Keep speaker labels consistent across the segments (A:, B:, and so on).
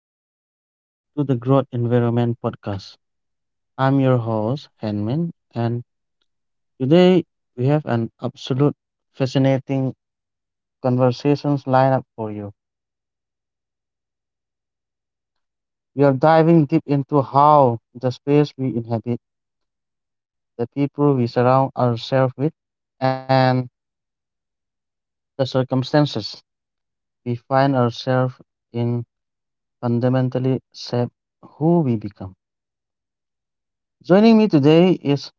A: Welcome back to the Growth Environment Podcast. I'm your host, Henmin, and today we have an absolute fascinating conversations lineup for you. We are diving deep into how the space we inhabit, the people we surround ourselves with, and the circumstances we find ourselves in fundamentally shape who we become. Joining me today is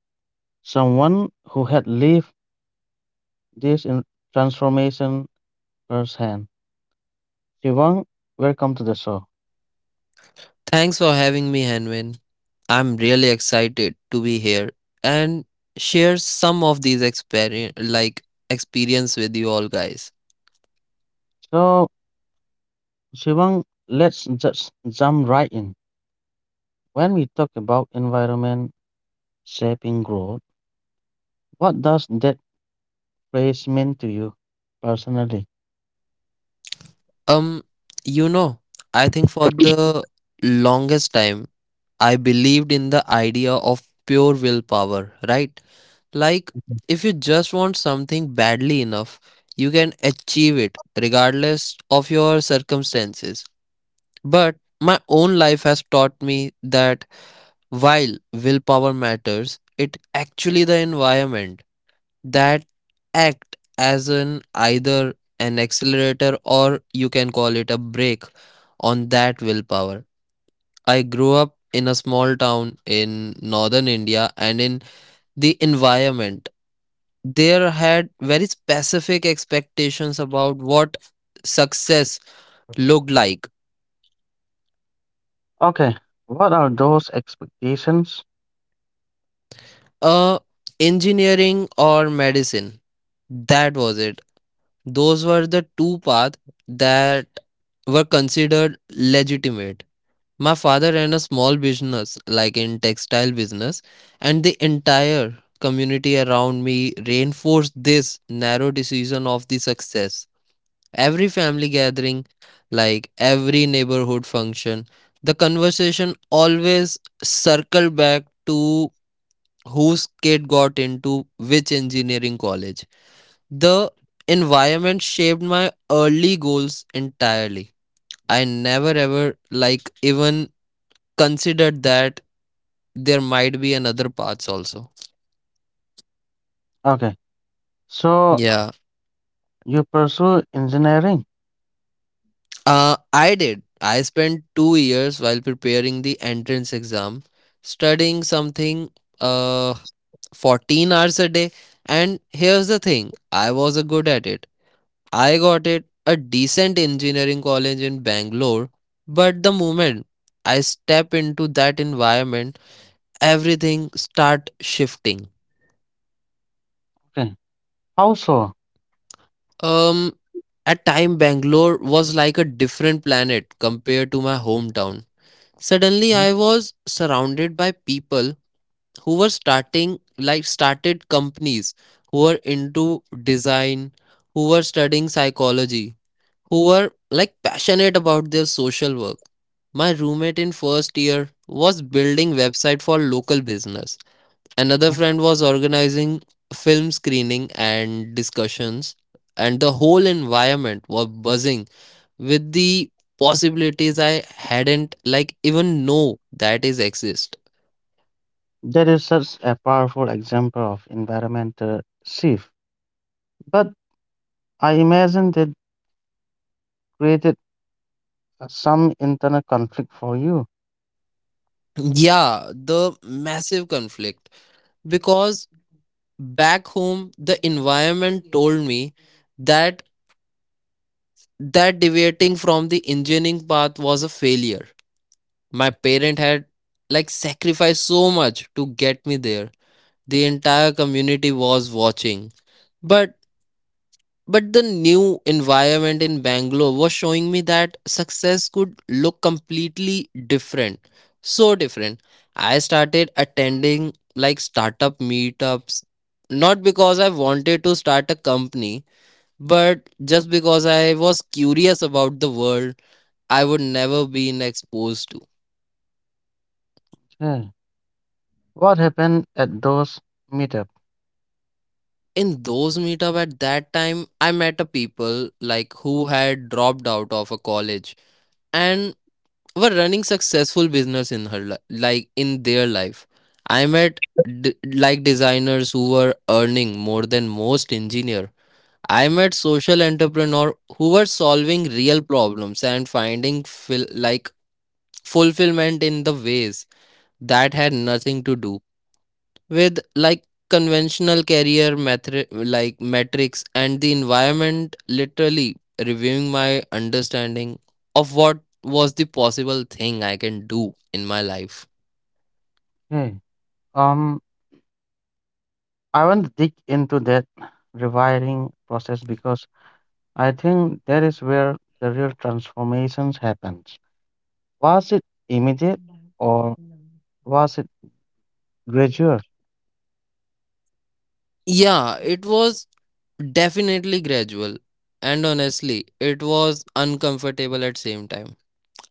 A: someone who had lived this in transformation percent. Shivang, welcome to the show.
B: Thanks for having me, Hanwin. I'm really excited to be here and share some of these experience with you all guys.
A: So, Shivang, let's just jump right in. When we talk about environment shaping growth, what does that phrase mean to you personally?
B: Um, you know, I think for the longest time I believed in the idea of pure willpower, right? Like if you just want something badly enough, you can achieve it regardless of your circumstances. But my own life has taught me that while willpower matters, it actually the environment that act as an either an accelerator or you can call it a brake on that willpower. I grew up in a small town in northern India and in the environment there had very specific expectations about what success looked like.
A: Okay, what are those expectations?
B: Uh Engineering or medicine, that was it. Those were the two paths that were considered legitimate. My father ran a small business, like in textile business, and the entire community around me reinforced this narrow decision of the success. Every family gathering, like every neighborhood function, the conversation always circled back to whose kid got into which engineering college. The environment shaped my early goals entirely. I never ever like even considered that there might be another paths also.
A: Okay, so
B: Yeah.
A: you pursue engineering.
B: I did. I spent 2 years while preparing the entrance exam studying something uh 14 hours a day, and here's the thing. I was a good at it. I got it a decent engineering college in Bangalore, but the moment I step into that environment, everything start shifting.
A: Okay, how so?
B: Um at time Bangalore was like a different planet compared to my hometown. Suddenly I was surrounded by people who were starting like started companies, who were into design, who were studying psychology, who were like passionate about their social work. My roommate in first year was building website for local business, another
A: Mhm.
B: friend was organizing film screening and discussions, and the whole environment was buzzing with the possibilities I hadn't like even know that is exist.
A: That is such a powerful example of environmental shift. But I imagine that created some internal conflict for you.
B: Yeah, the massive conflict. Because back home, the environment told me that deviating from the engineering path was a failure. My parent had like sacrificed so much to get me there. The entire community was watching. But But the new environment in Bangalore was showing me that success could look completely different. So different. I started attending like startup meetups, not because I wanted to start a company, but just because I was curious about the world I would never been exposed to.
A: Okay. What happened at those meetup?
B: In those meetup at that time, I met a people like who had dropped out of a college and were running successful business like in their life. I met like designers who were earning more than most engineer. I met social entrepreneur who were solving real problems and finding like fulfillment in the ways that had nothing to do with like conventional like metrics, and the environment literally reviewing my understanding of what was the possible thing I can do in my life.
A: Okay. Um, I want to dig into that rewiring process because I think that is where the real transformations happens. Was it immediate or was it gradual?
B: Yeah, it was definitely gradual, and honestly it was uncomfortable at same time.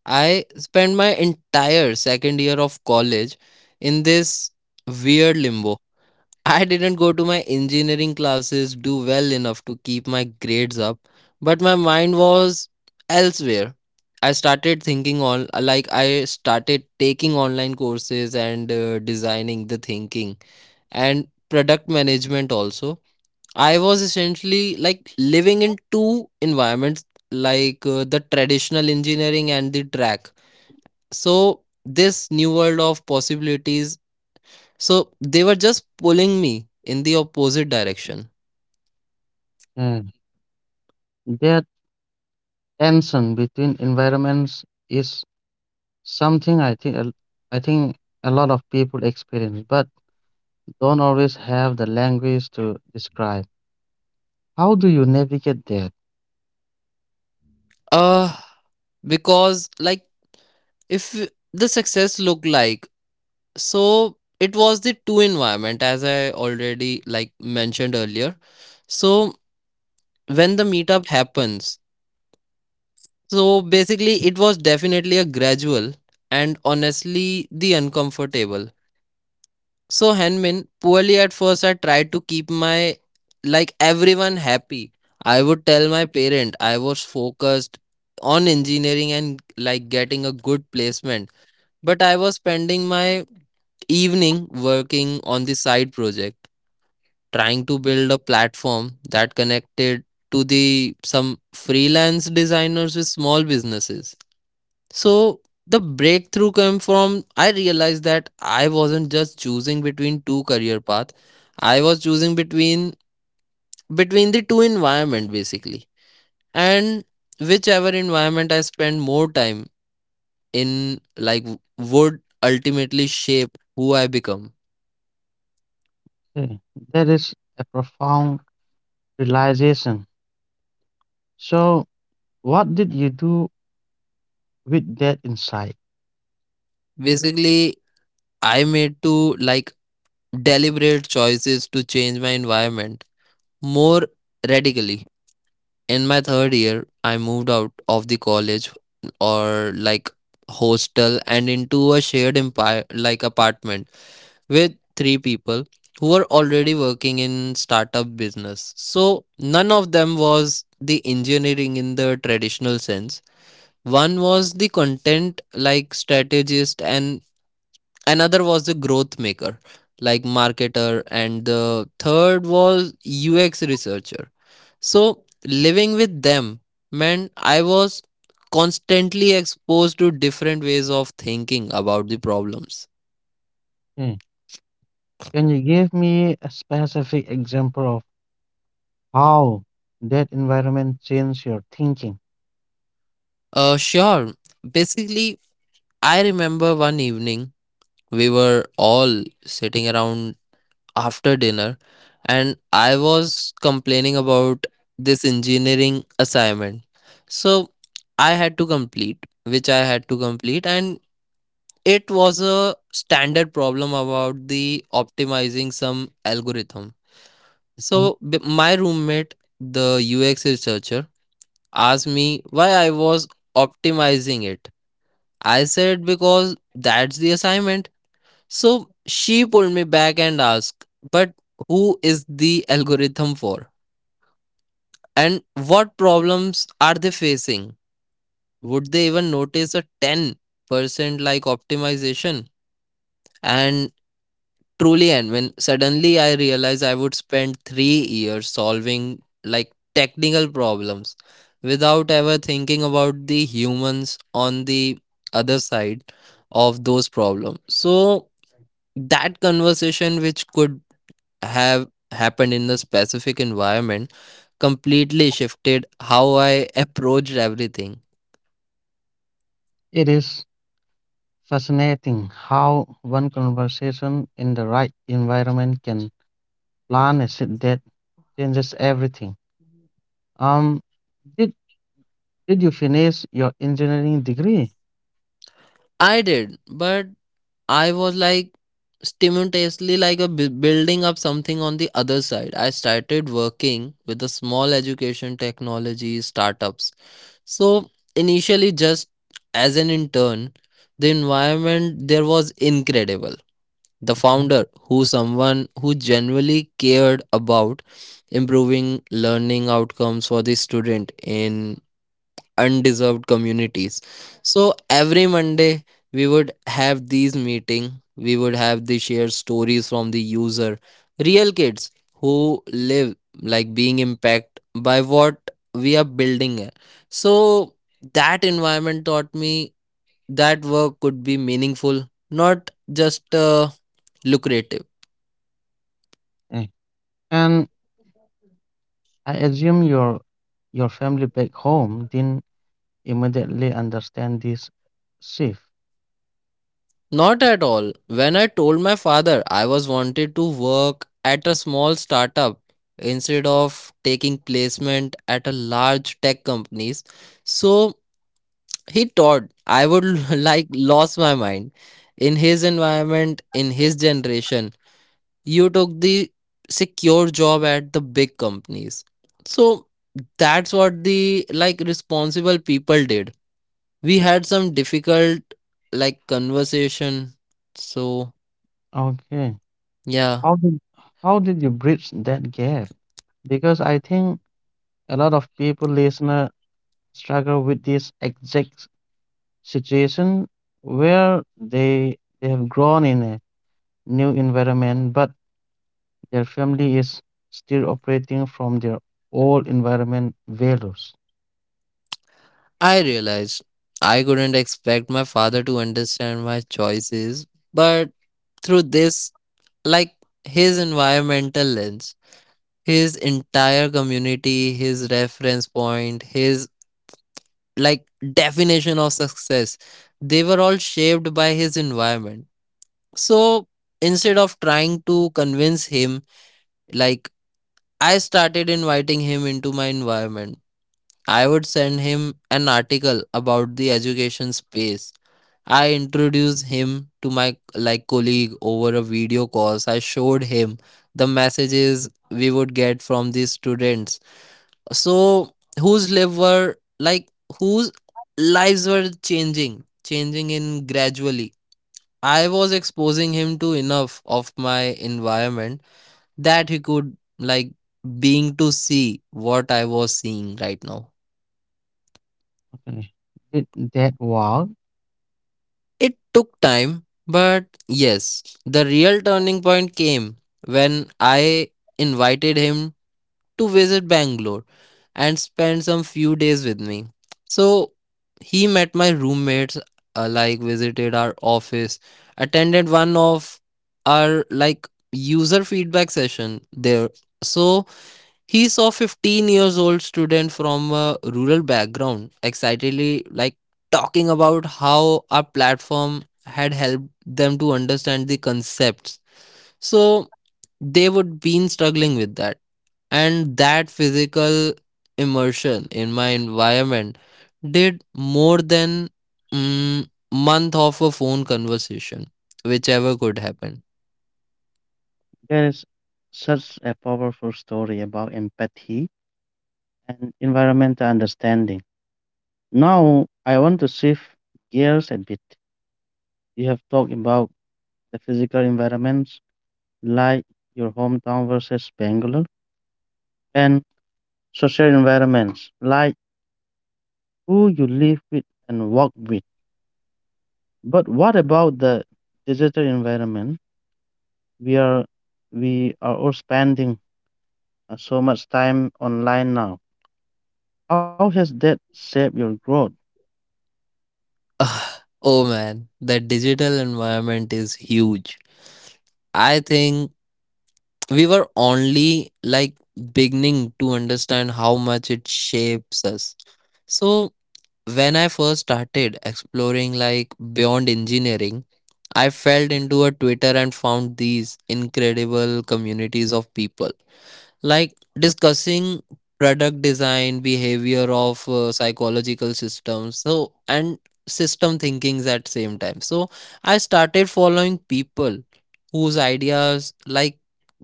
B: I spent my entire second year of college in this weird limbo. I didn't go to my engineering classes, do well enough to keep my grades up, but my mind was elsewhere. I started thinking on, like, I started taking online courses and designing the thinking and product management also. I was essentially like living in two environments, the traditional engineering and the track. So, this new world of possibilities, so they were just pulling me in the opposite direction.
A: Yeah, that tension between environments is something I think a lot of people experience, but don't always have the language to describe. How do you navigate that?
B: Uh, because like if the success looked like, so it was the two environment as I already like mentioned earlier. So when the meetup happens, so basically, it was definitely a gradual and honestly the uncomfortable. So Hanmin, poorly at first, I tried to keep my like everyone happy. I would tell my parent I was focused on engineering and like getting a good placement, but I was spending my evening working on the side project, trying to build a platform that connected to the some freelance designers with small businesses. So the breakthrough came from I realized that I wasn't just choosing between two career paths, I was choosing between the two environment basically. And whichever environment I spend more time in like would ultimately shape who I become.
A: Okay, that is a profound realization. So, what did you do with that insight?
B: Basically I made two like deliberate choices to change my environment more radically. In my third year, I moved out of the college or like hostel and into a shared empire like apartment with three people who were already working in startup business. So none of them was the engineering in the traditional sense. One was the content like strategist, and another was the growth maker like marketer, and the third was UX researcher. So living with them meant I was constantly exposed to different ways of thinking about the problems.
A: Okay, can you give me a specific example of how that environment changed your thinking?
B: Sure, basically I remember one evening we were all sitting around after dinner, and I was complaining about this engineering assignment. So I had to complete, which I had to complete, and it was a standard problem about the optimizing some algorithm.
A: Mhm.
B: So my roommate, the UX researcher, asked me why I was optimizing it. I said because that's the assignment. So she pulled me back and asked, but who is the algorithm for? And what problems are they facing? Would they even notice a 10% like optimization? And truly, and when suddenly I realized I would spend 3 years solving like technical problems without ever thinking about the humans on the other side of those problems. So that conversation, which could have happened in the specific environment, completely shifted how I approached everything.
A: It is fascinating how one conversation in the right environment can plan a seed that changes everything. Um, did did you finish your engineering degree?
B: I did, but I was like simultaneously like a building up something on the other side. I started working with the small education technology startups. So initially, just as an intern, the environment there was incredible. The
A: Mhm.
B: founder who someone who genuinely cared about improving learning outcomes for the student in undeserved communities. So every Monday we would have these meeting, we would have the shared stories from the user, real kids who live like being impacted by what we are building here. So that environment taught me that work could be meaningful, not just lucrative.
A: Eh, and I assume your family back home didn't immediately understand this shift.
B: Not at all. When I told my father I was wanted to work at a small startup instead of taking placement at a large tech companies, so he thought I would like lost my mind. In his environment, in his generation, you took the secure job at the big companies. So that's what the like responsible people did. We had some difficult like conversation. So
A: Okay.
B: yeah,
A: How did how did you bridge that gap? Because I think a lot of people listener struggle with this exact situation where they have grown in a new environment but their family is still operating from their old environment values.
B: I realized I couldn't expect my father to understand my choices, but through this, like his environmental lens, his entire community, his reference point, his like definition of success, they were all shaped by his environment. So instead of trying to convince him, like I started inviting him into my environment. I would send him an article about the education space. I introduced him to my like colleague over a video call. So, I showed him the messages we would get from these students. So whose lives were like whose lives were changing in gradually. I was exposing him to enough of my environment that he could like being to see what I was seeing right now.
A: Okay. Did that work?
B: It took time, but yes, the real turning point came when I invited him to visit Bangalore and spend some few days with me. So he met my roommates, like visited our office, attended one of our like user feedback session there. So he saw 15 years old student from a rural background excitedly like talking about how our platform had helped them to understand the concepts. So they would been struggling with that. And that physical immersion in my environment did more than month of a phone conversation, whichever could happen.
A: There is such a powerful story about empathy and environmental understanding. Now, I want to shift gears a bit. You have talked about the physical environments like your hometown versus Bangalore, and social environments like who you live with and work with. But what about the digital environment? We are we are all spending so much time online now. How has that shaped your growth?
B: Ugh, oh man, the digital environment is huge. I think we were only like beginning to understand how much it shapes us. So, when I first started exploring like beyond engineering, I fell into a Twitter and found these incredible communities of people like discussing product design, behavior of psychological systems, so and system thinkings at same time. So, I started following people whose ideas like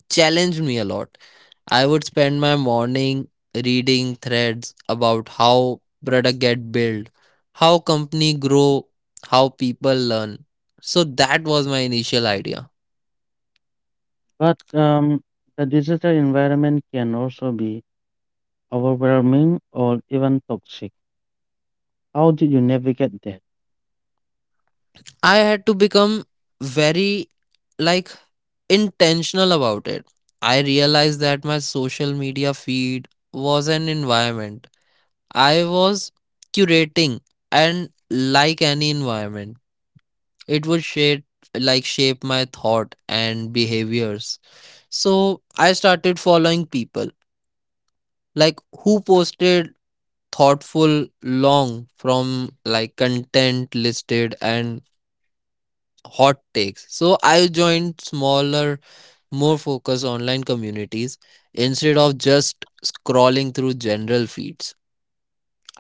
B: challenged me a lot. I would spend my morning reading threads about how product get built, how company grow, how people learn. So that was my initial idea.
A: But the digital environment can also be overwhelming or even toxic. How do you navigate that?
B: I had to become very like intentional about it. I realized that my social media feed was an environment. I was curating, and like any environment, it would shape my thought and behaviors. So I started following people like who posted thoughtful long from like content listed and hot takes. So I joined smaller, more focused online communities instead of just scrolling through general feeds.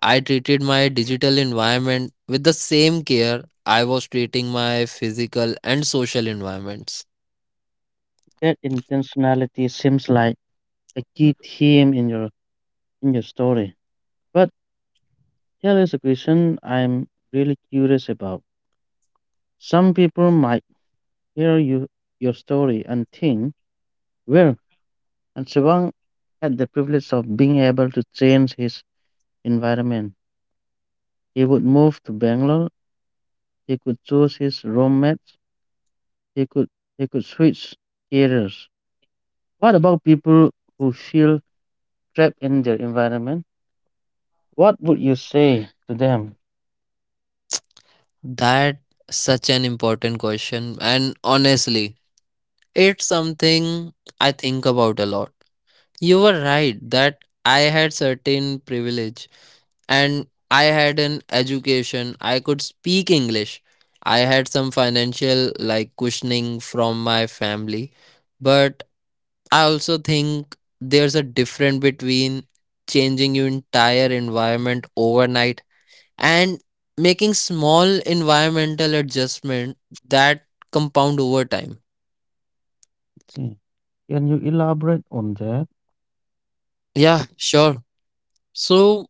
B: I treated my digital environment with the same care I was treating my physical and social environments.
A: That intentionality seems like a key theme in your story. But here is a question I'm really curious about. Some people might hear your story and think, well, and Siobhan had the privilege of being able to change his environment. He would move to Bangalore, he could choose his roommates. They could they could switch careers. What about people who feel trapped in their environment? What would you say to them?
B: That such an important question, and honestly, it's something I think about a lot. You were right that I had certain privilege and I had an education. I could speak English. I had some financial cushioning from my family, but I also think there's a difference between changing your entire environment overnight and making small environmental adjustment that compound over time.
A: Okay. Can you elaborate on that?
B: Yeah, sure. So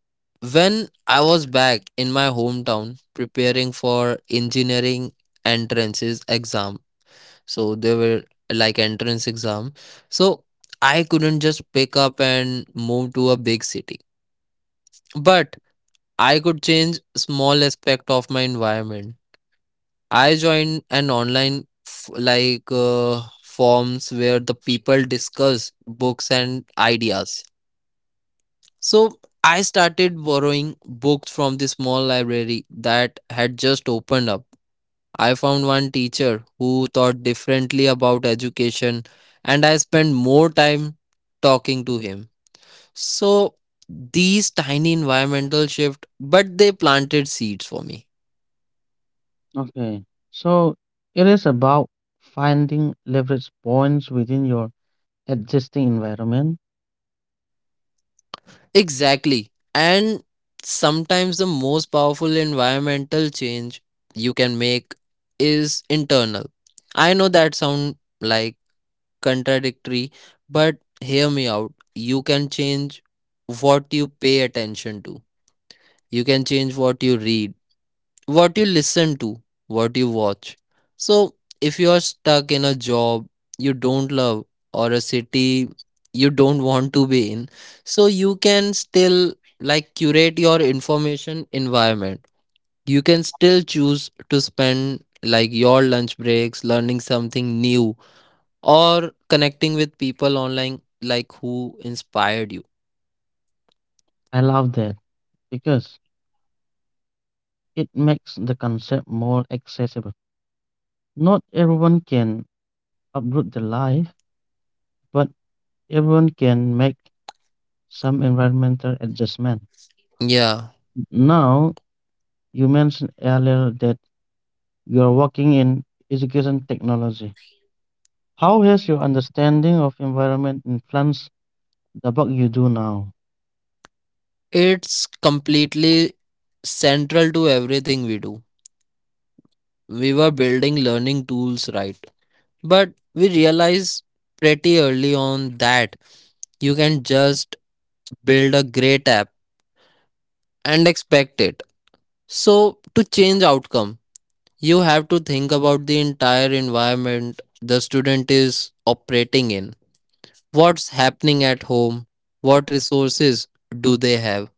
B: when I was back in my hometown preparing for engineering entrances exam, so they were like entrance exam. So I couldn't just pick up and move to a big city. But I could change small aspect of my environment. I joined an online forums where the people discuss books and ideas. So I started borrowing books from the small library that had just opened up. I found one teacher who thought differently about education, and I spent more time talking to him. So these tiny environmental shift but they planted seeds for me.
A: Okay. So it is about finding leverage points within your existing environment.
B: Exactly. And sometimes the most powerful environmental change you can make is internal. I know that sound like contradictory, but hear me out. You can change what you pay attention to. You can change what you read, what you listen to, what you watch. So, if you are stuck in a job you don't love or a city you don't want to be in, so you can still curate your information environment. You can still choose to spend your lunch breaks learning something new or connecting with people online like who inspired you.
A: I love that because it makes the concept more accessible. Not everyone can uproot their life, but everyone can make some environmental adjustment.
B: Yeah,
A: Now, you mentioned earlier that you are working in education technology. How has your understanding of environment influenced the work you do now?
B: it's completely central to everything we do. We were building learning tools, right? But we realized pretty early on that you can just build a great app and expect it. So, to change outcome, you have to think about the entire environment the student is operating in. What's happening at home? What resources do they have?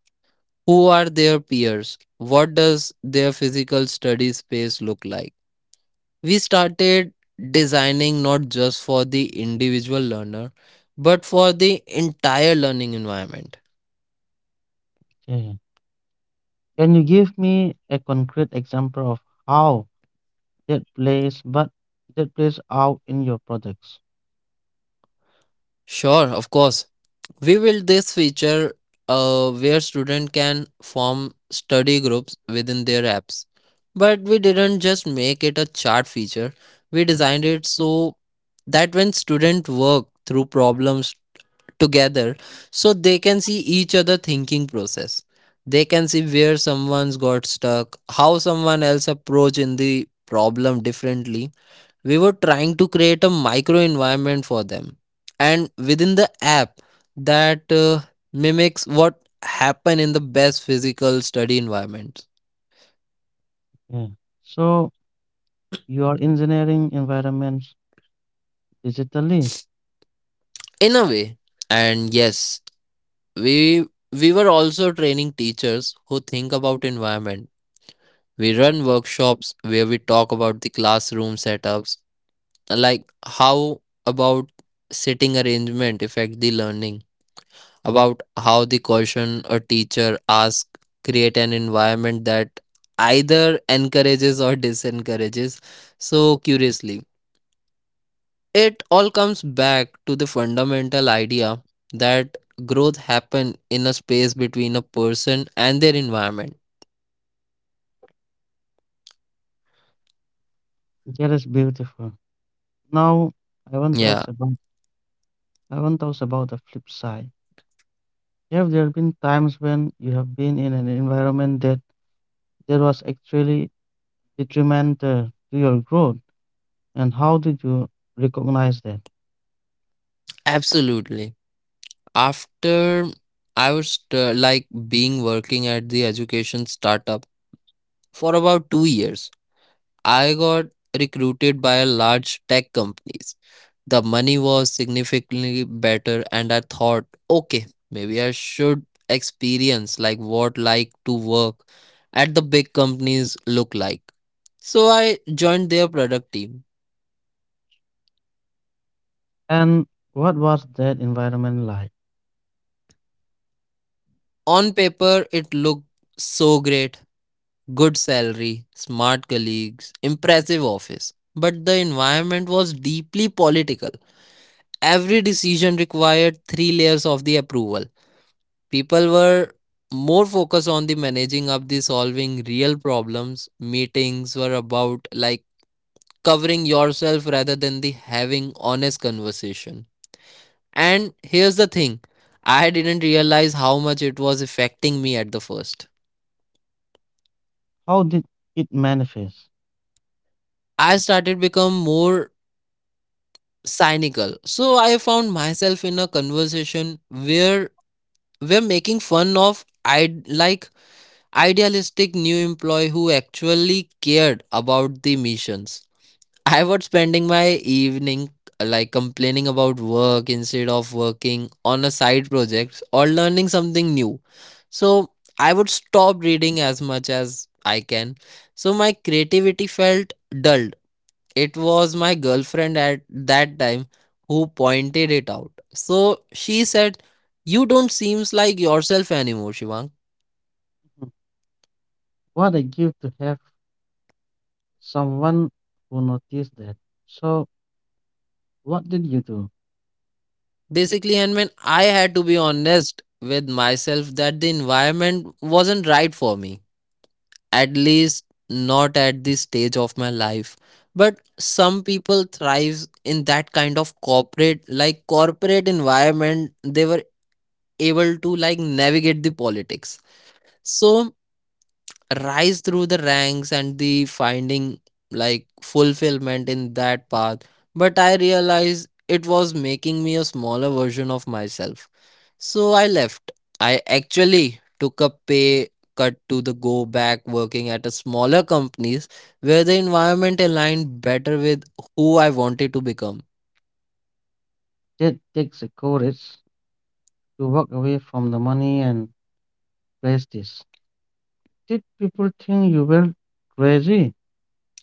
B: Who are their peers? What does their physical study space look like? We started designing not just for the individual learner, but for the entire learning environment.
A: Okay. Can you give me a concrete example of how that plays but that plays out in your products?
B: Sure, of course. We built this feature where students can form study groups within their apps. But we didn't just make it a chart feature. We designed it so that when students work through problems together, so they can see each other thinking process, they can see where someone's got stuck, how someone else approach in the problem differently. We were trying to create a micro environment for them and within the app that mimics what happen in the best physical study environments.
A: Yeah. So you are engineering environments digitally.
B: In a way, and yes, we we were also training teachers who think about environment. We run workshops where we talk about the classroom setups, like how about sitting arrangement affect the learning, about how the question a teacher asks create an environment that either encourages or disencourages so curiously. It all comes back to the fundamental idea that growth happen in a space between a person and their environment.
A: That is beautiful. Now I want to
B: Yeah,
A: ask about I want to ask about the flip side. Have there been times when you have been in an environment that there was actually detrimental to your growth, and how did you recognize that?
B: absolutely. After I was like being working at the education startup for about 2 years, I got recruited by a large tech companies. The money was significantly better and I thought, okay, maybe I should experience like what like to work at the big companies look like. So I joined their product team.
A: And what was that environment like?
B: On paper, it looked so great. Good salary, smart colleagues, impressive office. But the environment was deeply political. Every decision required three layers of the approval. People were more focused on the managing of the solving real problems. Meetings were about like covering yourself rather than the having honest conversation. And here's the thing, I didn't realize how much it was affecting me at the first.
A: How did it manifest?
B: I started become more cynical. So I found myself in a conversation where we're making fun of I'd like idealistic new employee who actually cared about the missions. I was spending my evening like complaining about work instead of working on a side project or learning something new. So I would stop reading as much as I can. So my creativity felt dulled. It was my girlfriend at that time who pointed it out. So she said, you don't seems like yourself anymore, Shivang.
A: Hmm, what a gift to have someone who noticed that. So, what did you do?
B: Basically, and when I had to be honest with myself that the environment wasn't right for me, at least not at this stage of my life. But some people thrives in that kind of corporate environment. They were able to like navigate the politics, so rise through the ranks and the finding like fulfillment in that path. But I realized it was making me a smaller version of myself, so I left. I actually took a pay cut to the go back working at a smaller companies where the environment aligned better with who I wanted to become.
A: That takes the courage to walk away from the money and prestige. Did people think you were crazy?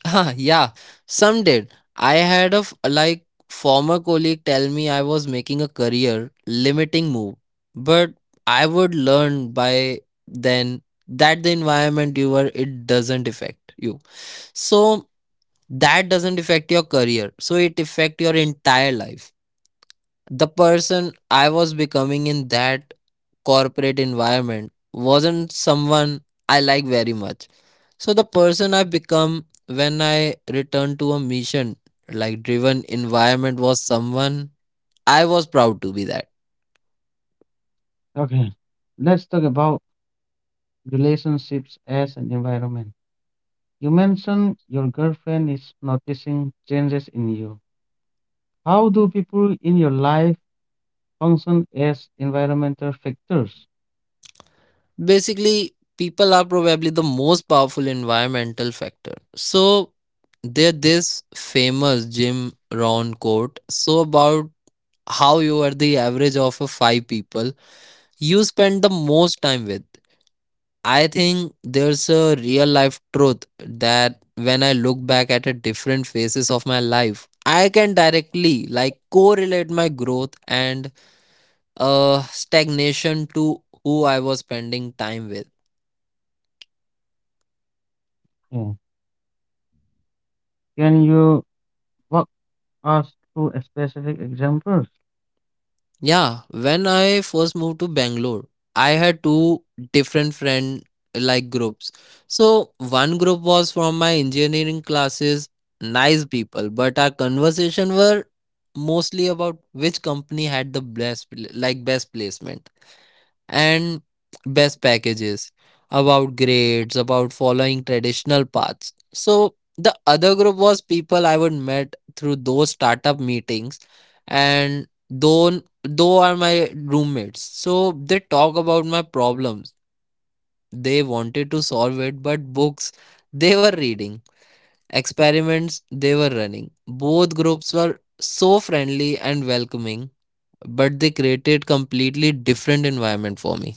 B: Yeah, some did. I had a former colleague tell me I was making a career limiting move, but I would learn by then that the environment you were it doesn't affect you. So that doesn't affect your career. So it affect your entire life. The person I was becoming in that corporate environment wasn't someone I like very much. So the person I become when I returned to a mission like driven environment was someone I was proud to be that.
A: Okay, let's talk about relationships as an environment. You mentioned your girlfriend is noticing changes in you. How do people in your life function as environmental factors?
B: Basically, people are probably the most powerful environmental factor. So there this famous Jim Rohn quote so about how you are the average of a five people you spend the most time with. I think there's a real life truth that when I look back at a different phases of my life, I can directly like correlate my growth and stagnation to who I was spending time with.
A: Yeah. Can you walk us through a specific examples?
B: Yeah, when I first moved to Bangalore, I had two different friend like groups. So one group was from my engineering classes, nice people, but our conversation were mostly about which company had the best best placement and best packages, about grades, about following traditional paths. So the other group was people I would met through those startup meetings, and though are my roommates. So they talk about my problems they wanted to solve, it but books they were reading, experiments they were running. Both groups were so friendly and welcoming, but they created completely different environment for me.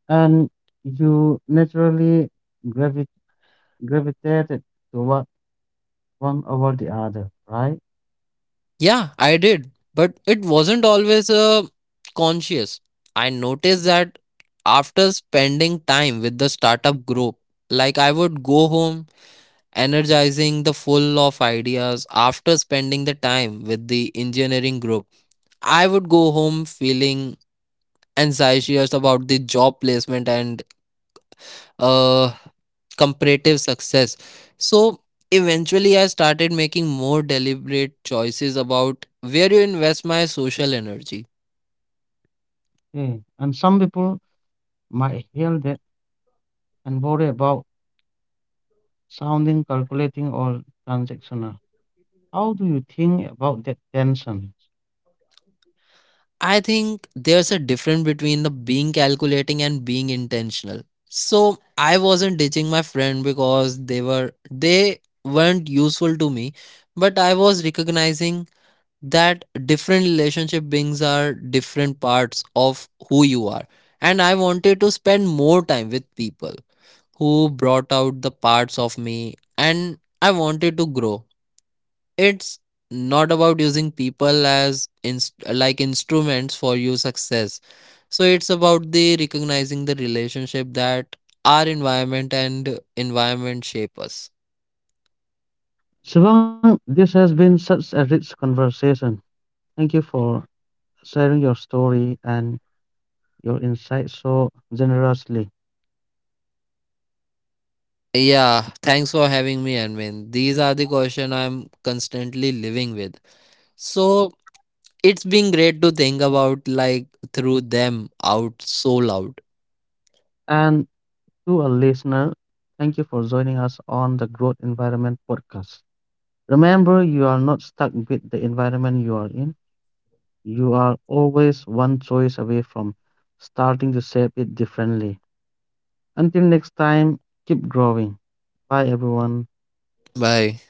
A: And you naturally gravi- gravitated toward one over the other, right?
B: Yeah, I did, but it wasn't always conscious. I noticed that after spending time with the startup group, like I would go home energizing the full of ideas. After spending the time with the engineering group, I would go home feeling anxious about the job placement and uh, comparative success. So eventually, I started making more deliberate choices about where you invest my social energy.
A: Yeah. And some people might hear that and worry about sounding calculating or transactional. How do you think about that tension?
B: I think there's a difference between the being calculating and being intentional. So I wasn't ditching my friend because they weren't useful to me, but I was recognizing that different relationship beings are different parts of who you are, and I wanted to spend more time with people who brought out the parts of me and I wanted to grow. It's not about using people as instruments for your success. So it's about the recognizing the relationship that our environment and environment shape us.
A: Shivang, this has been such a rich conversation. Thank you for sharing your story and your insights so generously.
B: Yeah, thanks for having me, Armin. These are the question I'm constantly living with. So it's been great to think about like through them out so loud.
A: And to our listener, thank you for joining us on the Growth Environment podcast. Remember, you are not stuck with the environment you are in. You are always one choice away from starting to shape it differently. Until next time, keep growing. Bye, everyone.
B: Bye.